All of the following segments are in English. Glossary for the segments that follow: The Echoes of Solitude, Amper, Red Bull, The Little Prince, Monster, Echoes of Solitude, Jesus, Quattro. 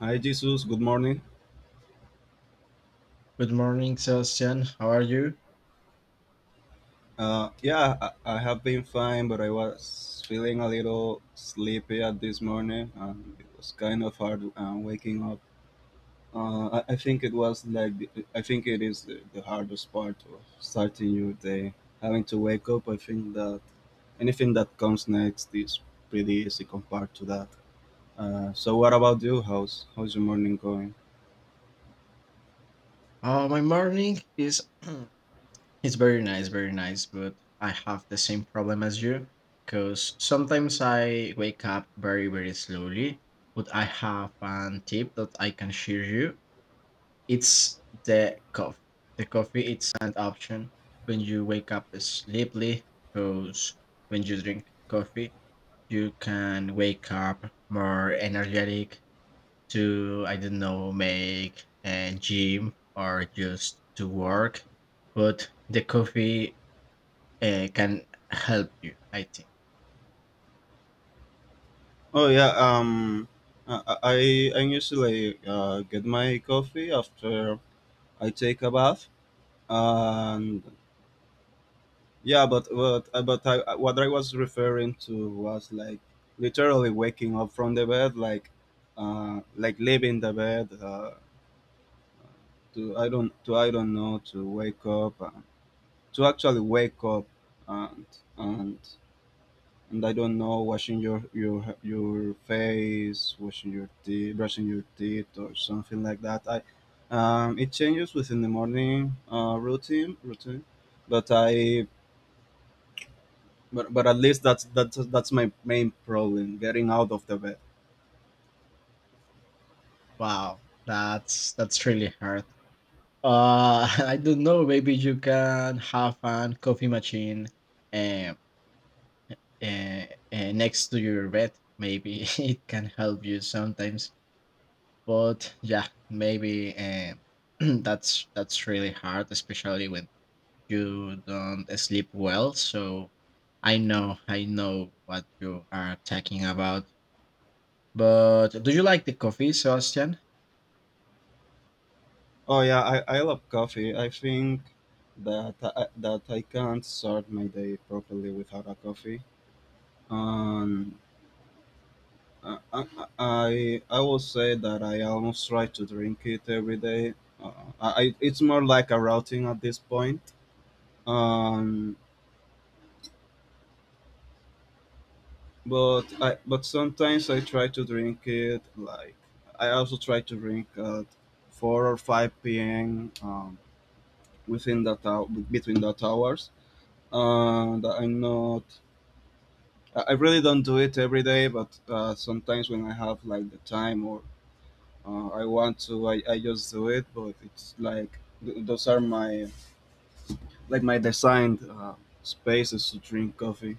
Hi, Jesus. Good morning. Good morning, Sebastian. How are you? Uh, yeah, I, I have been fine, but I was feeling a little sleepy at this morning. It was kind of hard waking up. I think it was like I think it is the hardest part of starting your day. Having to wake up, I think that anything that comes next is pretty easy compared to that. So what about you? How's your morning going? My morning is it's very nice, but I have the same problem as you because sometimes I wake up very, very slowly. But I have a tip that I can share you. It's the coffee. The coffee it's an option when you wake up sleepily because when you drink coffee, you can wake up more energetic to I don't know make a gym or just to work, but the coffee can help you, I think. Oh yeah. Um, I I I usually get my coffee after I take a bath, and yeah, but what I was referring to was like literally waking up from the bed, like leaving the bed to I don't know to wake up to actually wake up and and and I don't know washing your face, washing your teeth, brushing your teeth, or something like that. I It changes within the morning routine, but I but at least that's my main problem, getting out of the bed. Wow, that's really hard. I don't know. Maybe you can have a coffee machine uh, uh, next to your bed. Maybe it can help you sometimes. But yeah, maybe that's really hard, especially when you don't sleep well, so I know what you are talking about. But do you like the coffee, Sebastian? Oh yeah, I love coffee. I think that that I can't start my day properly without a coffee. Um, I, I I will say that I almost try to drink it every day. Uh, it's more like a routine at this point. Um, but I but sometimes I try to drink it like I also try to drink at four or five p.m. Within the towers, and I'm not, I really don't do it every day, but sometimes when I have like the time, or I want to, I just do it. But it's like those are my like my designed spaces to drink coffee.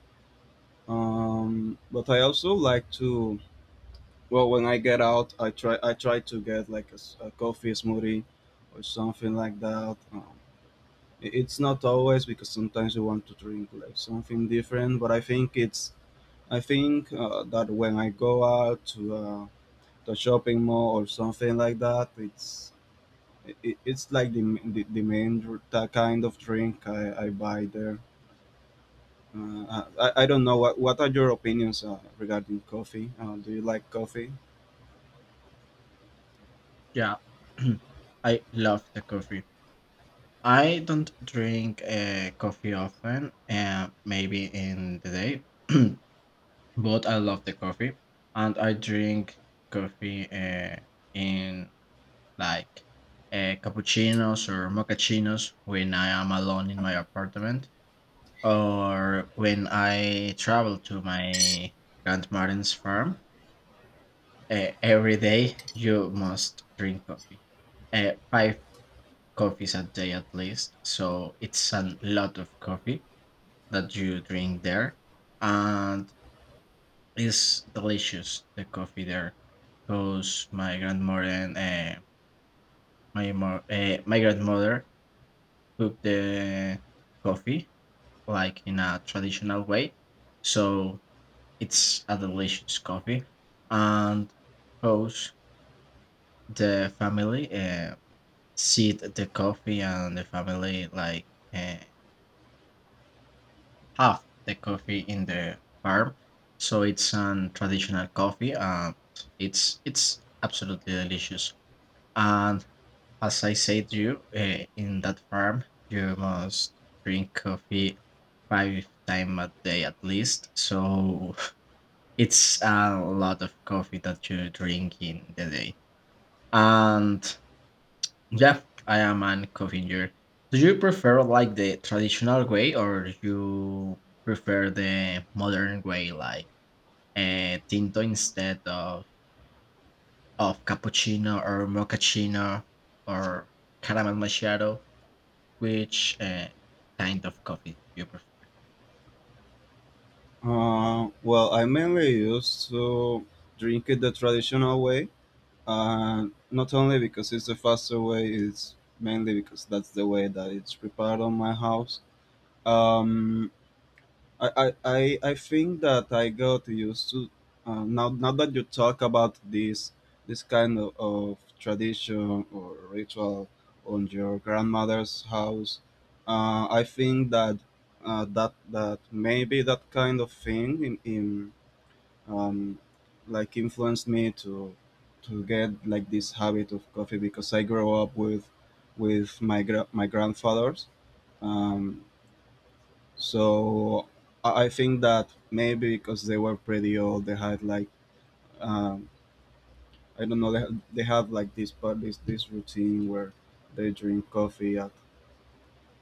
um, but I also like to, well, when I get out, I try to get like a coffee smoothie or something like that. It's not always because sometimes you want to drink like something different, but I think that when I go out to the shopping mall or something like that, it's like the main the kind of drink I buy there. I don't know what are your opinions regarding coffee? Do you like coffee? Yeah, I love the coffee. I don't drink coffee often, maybe in the day, but I love the coffee, and I drink coffee in like cappuccinos or moccaccinos when I am alone in my apartment or when I travel to my grandmother's farm. Uh, every day you must drink coffee, five coffees a day at least. So it's a lot of coffee that you drink there, and it's delicious the coffee there, because my grandmother and my grandmother cooked the coffee like in a traditional way, so it's a delicious coffee, and host the family, sit the coffee and the family like uh, have the coffee in the farm. So it's an traditional coffee, and it's absolutely delicious. And as I said to you, in that farm, you must drink coffee five times a day at least. So it's a lot of coffee that you drink in the day. And yeah, I am a coffee drinker. Do you prefer like the traditional way or you prefer the modern way like tinto instead of cappuccino or mochaccino or caramel macchiato? Which kind of coffee do you prefer? Well, I mainly used to drink it the traditional way, and not only because it's the faster way, it's mainly because that's the way that it's prepared on my house. um I think that I got used to, now that you talk about this, this kind of tradition or ritual on your grandmother's house, I think that that maybe that kind of thing in um, like influenced me to get like this habit of coffee, because I grew up with my my grandfathers. Um, so I think that maybe because they were pretty old, they had like, um, I don't know, they had like this part, this routine, where they drink coffee at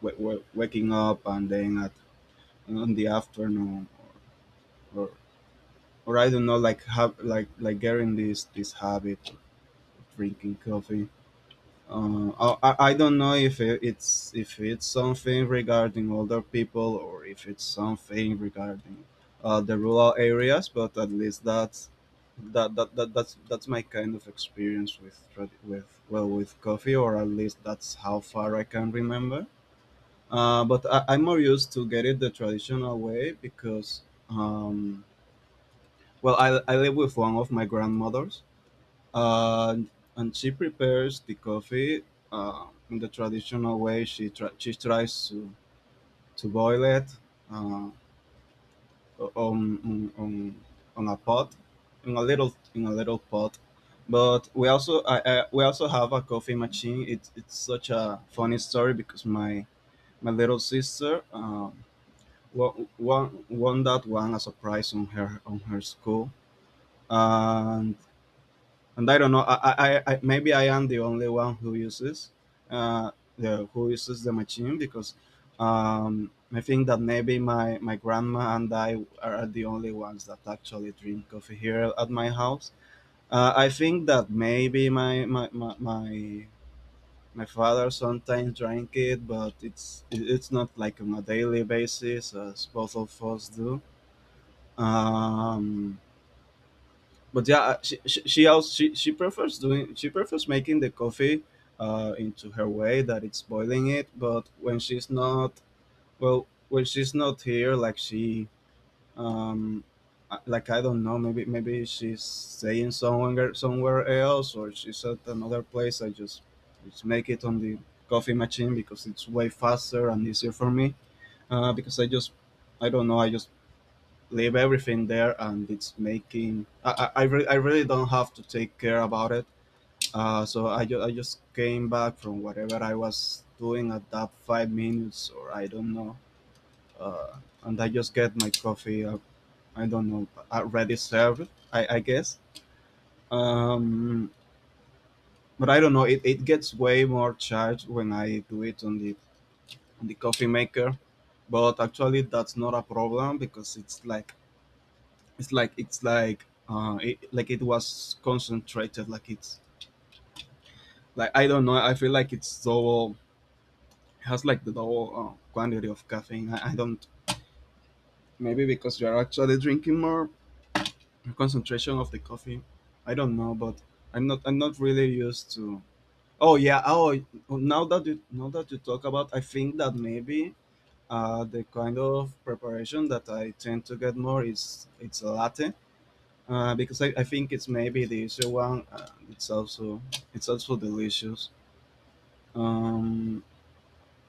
waking up, and then at in the afternoon, or or I don't know, like have like getting this habit of drinking coffee. I don't know if it's if it's something regarding older people, or if it's something regarding the rural areas. But at least that's that's my kind of experience with with coffee, or at least that's how far I can remember. I'm more used to get it the traditional way, because um, well, I live with one of my grandmothers, and and she prepares the coffee in the traditional way. She she tries to boil it uh, on, on on on a pot, in a little pot. But we also, we also have a coffee machine. It's such a funny story because my little sister won that one as a prize on her school, and and I don't know. I maybe I am the only one who uses, uh, the who uses the machine, because I think that maybe my my grandma and I are the only ones that actually drink coffee here at my house. I think that maybe my father sometimes drank it, but it's not like on a daily basis as both of us do. Um, but yeah, she prefers making the coffee into her way, that it's boiling it. But when she's not here, like she um like I don't know, maybe she's staying somewhere else, or she's at another place. I Just make it on the coffee machine because it's way faster and easier for me. Because I just, I don't know, I just leave everything there, and it's making. I really don't have to take care about it. So I just came back from whatever I was doing at that 5 minutes, or I don't know. Uh, and I just get my coffee. I don't know, already served, I guess. Um, but I don't know. It gets way more charged when I do it on the coffee maker. But actually, that's not a problem because it's like like it was concentrated, like it's like, I don't know, I feel like it's double, has like the double quantity of caffeine. I don't, maybe because you're actually drinking more concentration of the coffee, I don't know. But I'm not really used to. Oh yeah. Now that you talk about, I think that maybe the kind of preparation that I tend to get more is it's a latte, I think it's maybe the easier one. It's also delicious. Um,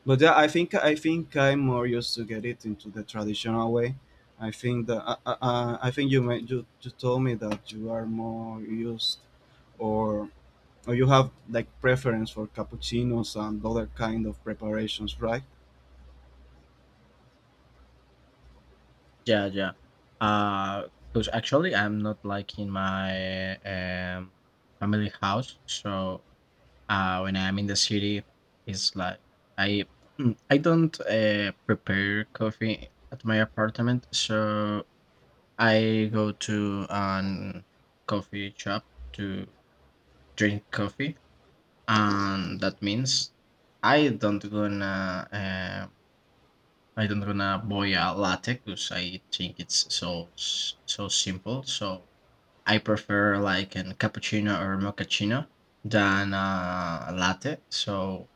but yeah, I think I'm more used to get it into the traditional way. I think that I think you, you told me that you are more used, or or you have like preference for cappuccinos and other kind of preparations, right? Yeah, yeah. Because actually I'm not like in my family house, so uh, when I'm in the city, it's like I I don't prepare coffee at my apartment, so I go to an coffee shop to drink coffee, and that means I don't gonna um, I don't wanna boil a latte because I think it's so simple. So I prefer like an cappuccino or mochaccino than a latte. So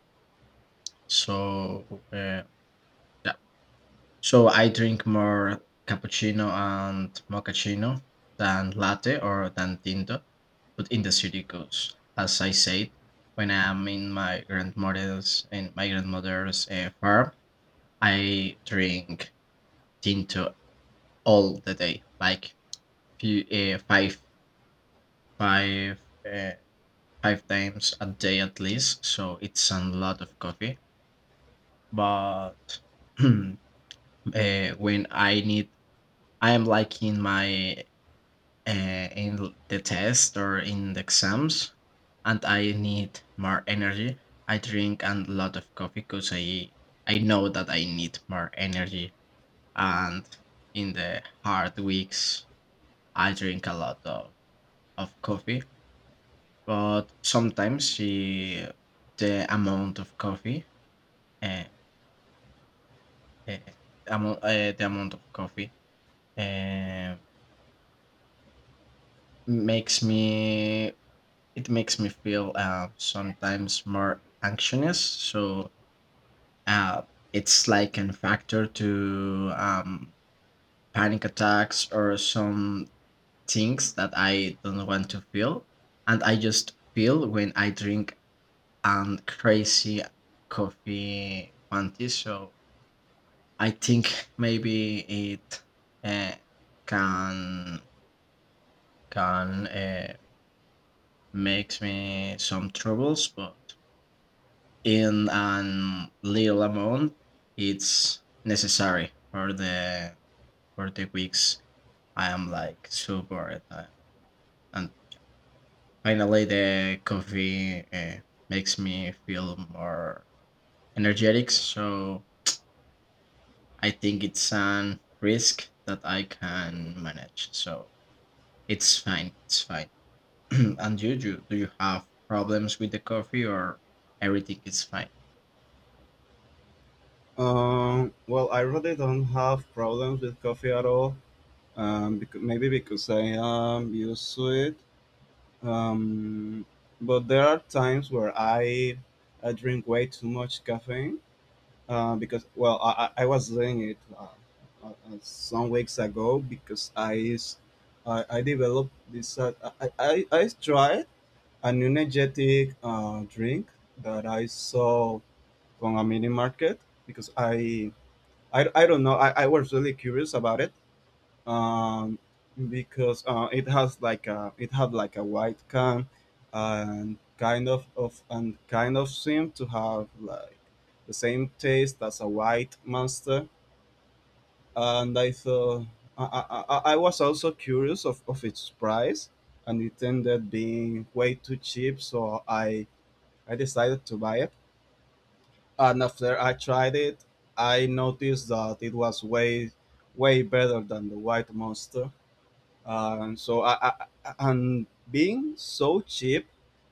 so uh, yeah. So I drink more cappuccino and mochaccino than latte or than tinto, but in the city because as I said, when I am in my grandmother's farm, I drink tinto all the day, like few, uh, five, five, uh, five times a day at least. So it's a lot of coffee. But uh, when I need, I am like in my the test or in the exams, and I need more energy. I drink a lot of coffee because I know that I need more energy, and in the hard weeks I drink a lot of coffee. But sometimes she the amount of coffee, uh, uh, amo the amount of coffee, uh, makes me it makes me feel, sometimes more anxious. So, uh, it's like a factor to, panic attacks or some things that I don't want to feel, and I just feel when I drink, crazy coffee quantity, so I think maybe it uh, can can uh, makes me some troubles, but in an little amount, it's necessary for the weeks. I am like so bored, I, and finally the coffee makes me feel more energetic. So I think it's an risk that I can manage. So it's fine. It's fine. And you, do you have problems with the coffee or everything is fine? Well, I really don't have problems with coffee at all. Because maybe because I am used to it. Um, but there are times where I drink way too much caffeine, because, well, I was doing it some weeks ago, because I developed this. I tried an energetic drink that I saw from a mini market, because I don't know, I was really curious about it, um, because it has like a, it had like a white can, and kind of seemed to have like the same taste as a white monster. And I thought, I was also curious of its price, and it ended being way too cheap, so I decided to buy it. And after I tried it, I noticed that it was way way better than the white monster. So I, and being so cheap,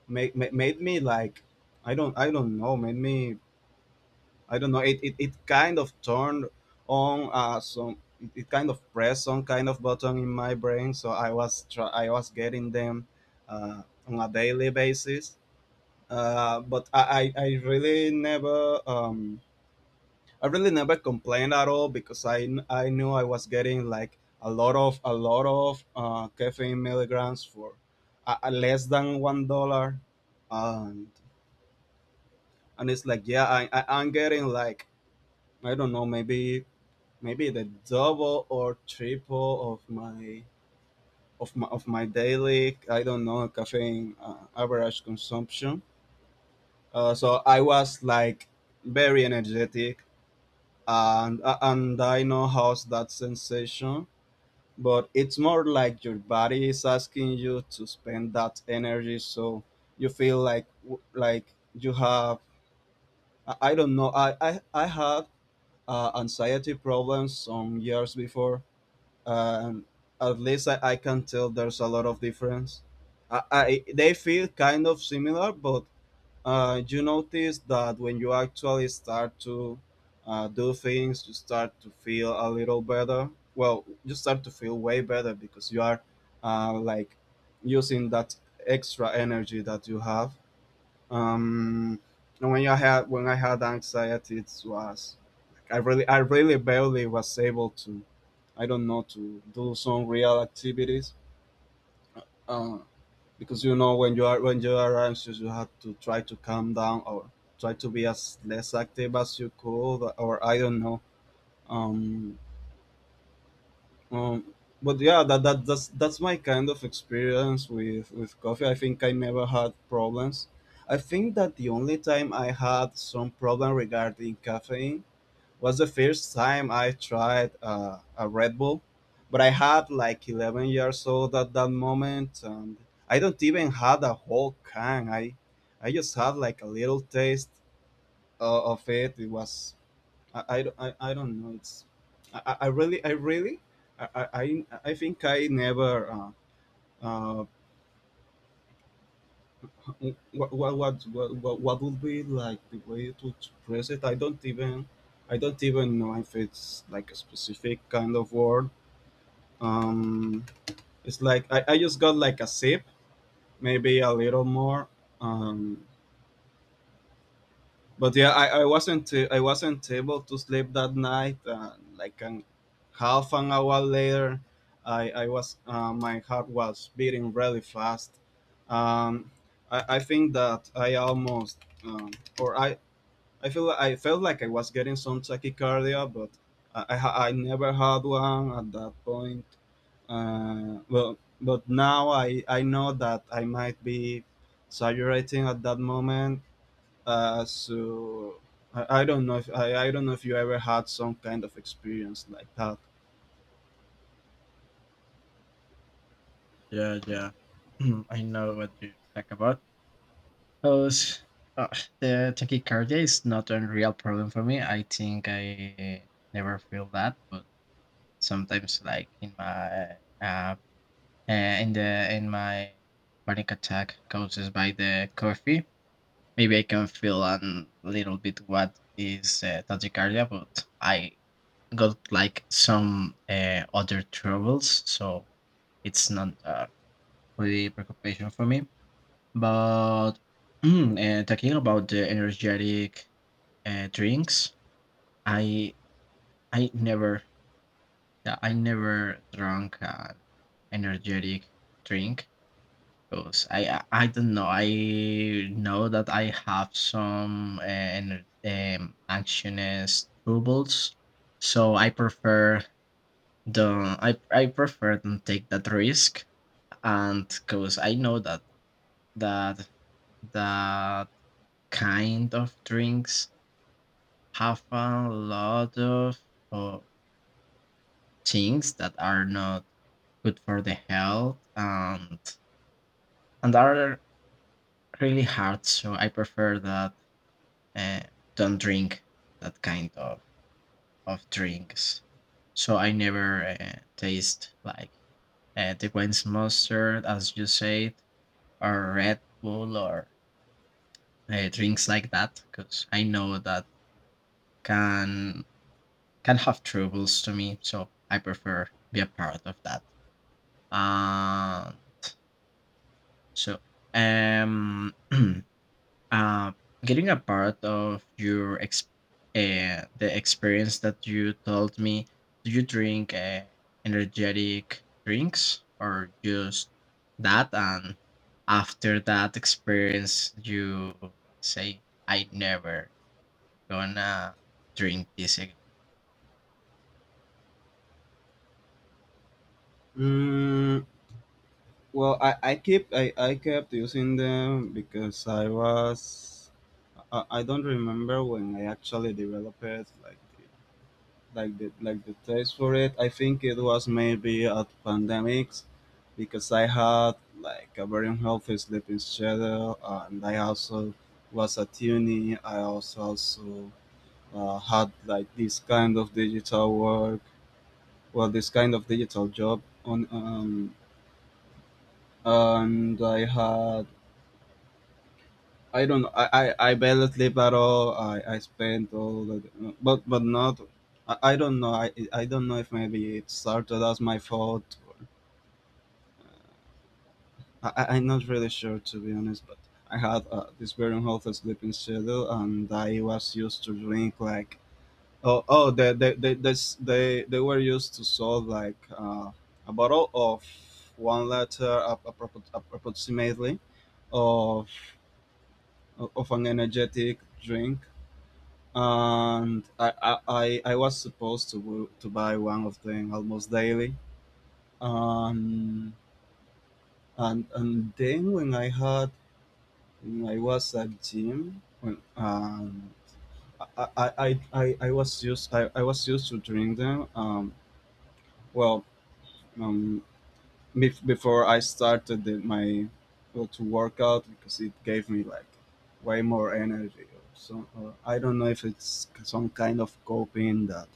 made me like, I don't, I don't know, made me, I don't know, it kind of turned on, it kind of pressed some kind of button in my brain. So I was I was getting them uh, on a daily basis. I really never, I really never complained at all, because I I knew I was getting like a lot of caffeine milligrams for less than $1. and and it's like, yeah, I, I'm getting like, I don't know, maybe maybe the double or triple of my of my daily, I don't know, caffeine average consumption. So I was like very energetic. And and I know how's that sensation, but it's more like your body is asking you to spend that energy, so you feel like you have, I don't know, I had anxiety problems some years before, and at least I can tell there's a lot of difference. I, they feel kind of similar, but you notice that when you actually start to do things, you start to feel a little better. Well, you start to feel way better, because you are like using that extra energy that you have. Um, and when I had anxiety, it was like, I really barely was able to, I don't know, to do some real activities. Uh, because you know when you are anxious, you have to try to calm down, or try to be as less active as you could, or I don't know. um, um but yeah, that's my kind of experience with coffee. I think I never had problems. I think that the only time I had some problem regarding caffeine was the first time I tried a Red Bull, but I had like 11 years old at that moment, and I don't even had a whole can. I just had like a little taste of it. It was. I don't know. It's. I really I think I never. Uh, what, what, what, what would be like the way to express it? I don't even know if it's like a specific kind of word. Um, it's like I just got like a sip, maybe a little more. Um, but yeah, I wasn't able to sleep that night. Like an half an hour later, I was my heart was beating really fast. Um, I think that I almost. um, or I felt like I was getting some tachycardia, but I never had one at that point. But now I know that I might be exaggerating at that moment. So I don't know if you ever had some kind of experience like that. Yeah, yeah. I know what you talk about. Because uh, the tachycardia is not a real problem for me. I think I never feel that, but sometimes, like in my uh, uh in my panic attack causes by the coffee, maybe I can feel a little bit what is tachycardia, but I got like some other troubles, so it's not a really preoccupation for me. But talking about the energetic drinks, I I never yeah, I never drank an energetic drink because I don't know, I know that I have some anxiousness troubles, so I prefer The I prefer to take that risk, and because I know that that that kind of drinks have a lot of uh, things that are not good for the health and are really hard. So I prefer that uh, don't drink that kind of drinks. So I never taste like the Gwen's mustard, as you said, or Red Bull, or drinks like that because I know that can can have troubles to me. So I prefer be a part of that. Um, so um, uh, getting a part of your the experience that you told me, do you drink energetic drinks, or just that and after that experience you say I never gonna drink this again? Mm, well, I kept using them because I was. I don't remember when I actually developed it like the taste for it. I think it was maybe at pandemics because I had like a very unhealthy sleeping schedule, and I also was a tuning. I also had like this kind of digital work, well, this kind of digital job on. And I had. I don't. I barely sleep at all. I spent all the, but not. I don't know. I don't know if maybe it started as my fault. I'm not really sure to be honest, but I had this very unhealthy sleeping schedule, and I was used to drink like. Oh, they were used to sell like a bottle of 1 liter approximately of an energetic drink, and I was supposed to to buy one of them almost daily. um, and then when I had. Mm, I was at gym. I was used to drink them. Well, um, before I started the, my well, to work out because it gave me like way more energy. So I don't know if it's some kind of coping that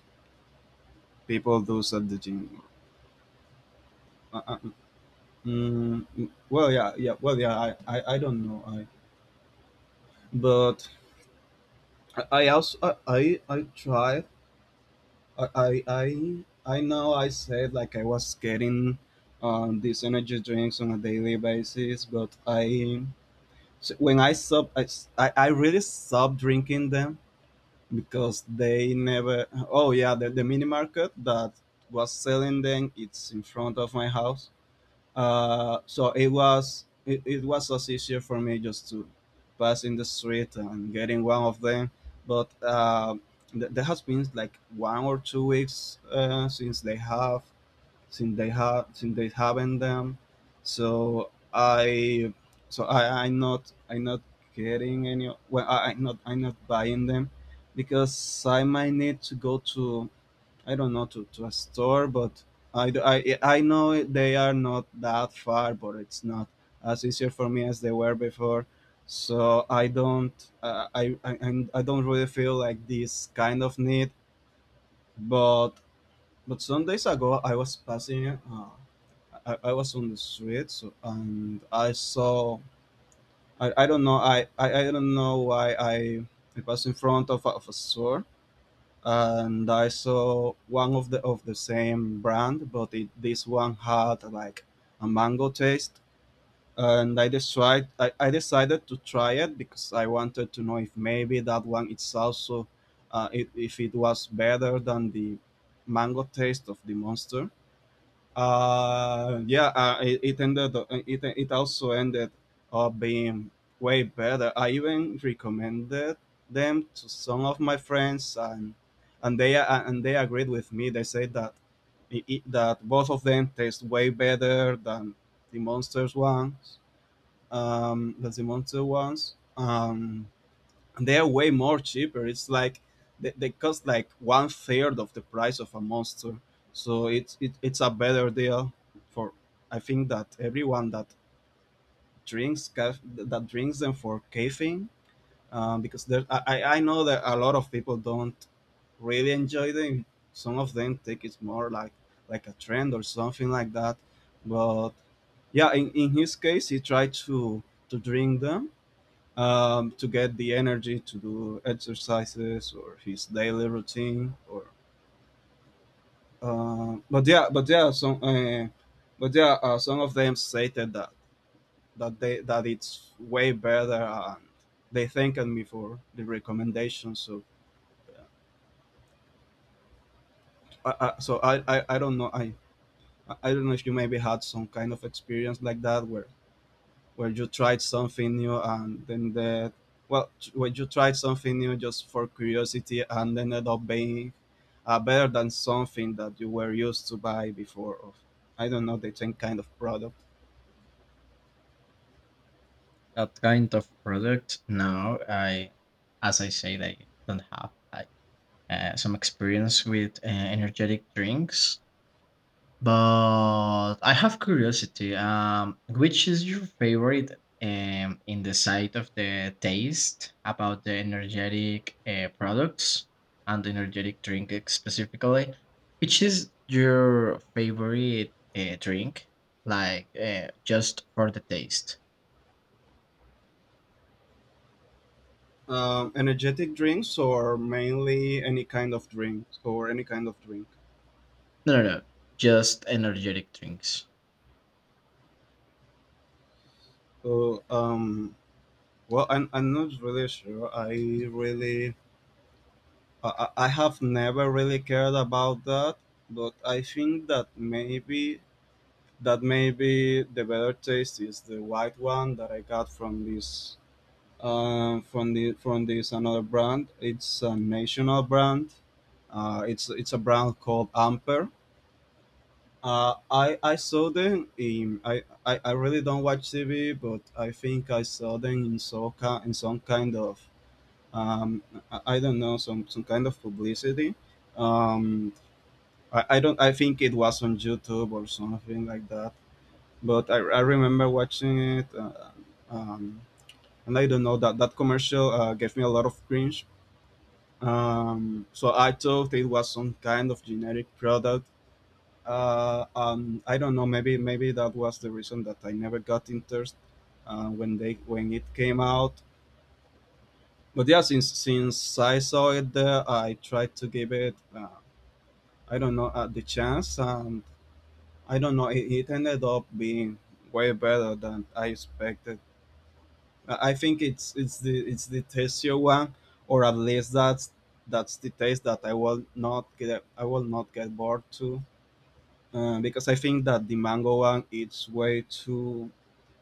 people do at the gym. Uh, uh, well, yeah, yeah, well, yeah. I don't know. I but I I also I I I try I I know I said, like, I was getting these energy drinks on a daily basis, but I. So when I stop. I, s- I really stopped drinking them because they never. Oh yeah, the mini market that was selling them it's in front of my house. So it was just easier for me just to pass in the street and getting one of them. But there has been like 1 or 2 weeks since they have since they haven't them. So I I'm not getting any. Well, I'm not buying them because I might need to go to, I don't know, to a store, but. I do. I know they are not that far, but it's not as easier for me as they were before. So I don't. I don't really feel like this kind of need. But some days ago I was passing, I was on the street so, and I saw. I don't know why I passed in front of of a store, and I saw one of the same brand, but this one had like a mango taste, and I decided to try it because I wanted to know if maybe that one it's also, if it was better than the mango taste of the monster. Yeah, It also ended up being way better. I even recommended them to some of my friends, and they agreed with me. They said that that both of them taste way better than the monsters ones. Than the monster ones. They're way more cheaper. It's like they cost like one third of the price of a monster. So it's a better deal for, I think, that everyone that drinks them for caffeine, because there I, I know that a lot of people don't really enjoy them. Some of them think it's more like a trend or something like that. But yeah, in his case, he tried to drink them, to get the energy to do exercises or his daily routine, or. uh, but yeah but yeah some uh, but yeah Some of them stated that it's way better, and they thanked me for the recommendation. So I don't know. I don't know if you maybe had some kind of experience like that, where you tried something new, and then the, well, where you tried something new just for curiosity and ended up being better than something that you were used to buy before, of, I don't know, the same kind of product. That kind of product, no. I, as I said, I don't have like some experience with energetic drinks. But I have curiosity. Which is your favorite in the side of the taste about the energetic products and the energetic drink specifically? Which is your favorite drink? Like just for the taste? Energetic drinks, or mainly any kind of drinks, or any kind of drink? No, no, no. Just energetic drinks. So, well, I'm not really sure. I really. I have never really cared about that, but I think that maybe the better taste is the white one that I got from this, from this another brand. It's a national brand. It's a brand called Amper. I saw them in. I really don't watch TV, but I think I saw them in in some kind of, um, I don't know, some kind of publicity. Um, I don't I think it was on YouTube or something like that, but I remember watching it. Um, and I don't know, that commercial gave me a lot of cringe. So I thought it was some kind of generic product. I don't know. Maybe that was the reason that I never got interested when they when it came out. But yeah, since I saw it there, I tried to give it. I don't know, the chance, and I don't know. It ended up being way better than I expected. I think it's the Tesio one, or at least that's the taste that I will not get bored to. Because I think that the mango one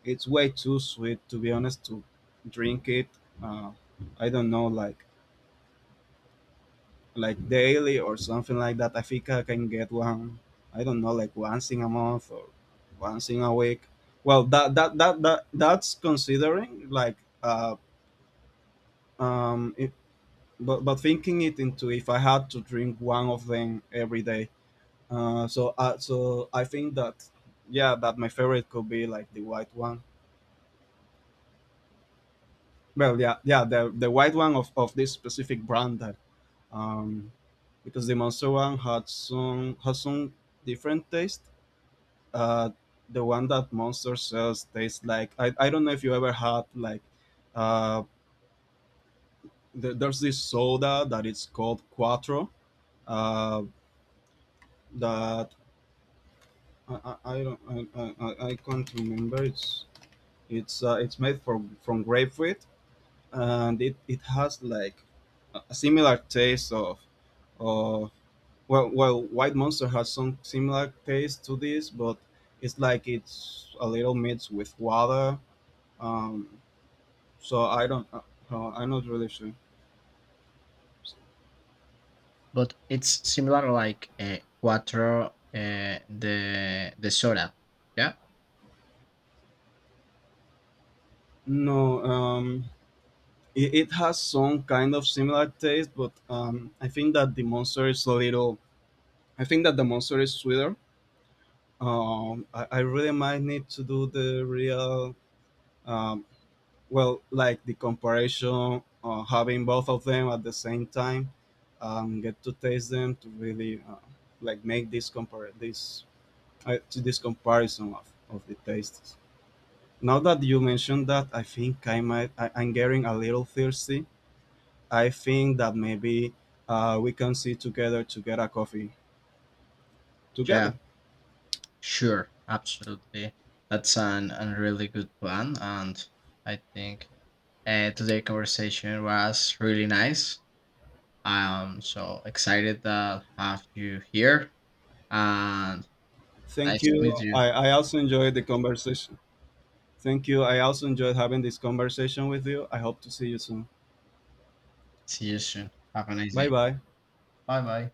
it's way too sweet to be honest to drink it. Uh, I don't know, like daily or something like that. I think I can get one. I don't know, like once in a month or once in a week. Well, that's considering, like. Um but thinking it into, if I had to drink one of them every day. So I think that, yeah, that my favorite could be like the white one. Well, yeah, yeah, the white one of this specific brand that. um because the monster one had some has some different taste. Uh, the one that monster sells tastes like. I don't know if you ever had like. uh there's this soda that is called Quattro. uh that I can't remember. It's it's made from grapefruit, and it has like a similar taste of. of well, white monster has some similar taste to this, but it's a little mixed with water. um so I don't. I'm not really sure. But it's similar like Quattro, the soda. Yeah, No. It has some kind of similar taste, but I think that the monster is sweeter. I really might need to do the real. um, well, like the comparison, having both of them at the same time. Get to taste them, to really, like make this, compare this to this comparison of the tastes. Now that you mentioned that, I think I'm getting a little thirsty. I think that maybe we can sit together to get a coffee yeah. together. Sure, absolutely. That's an, a really good plan. And I think today's conversation was really nice. I'm so excited that have you here and Thank nice to meet you. you. I also enjoyed the conversation. Thank you. I also enjoyed having this conversation with you. I hope to see you soon. See you soon. Have a nice Bye day. bye. Bye bye.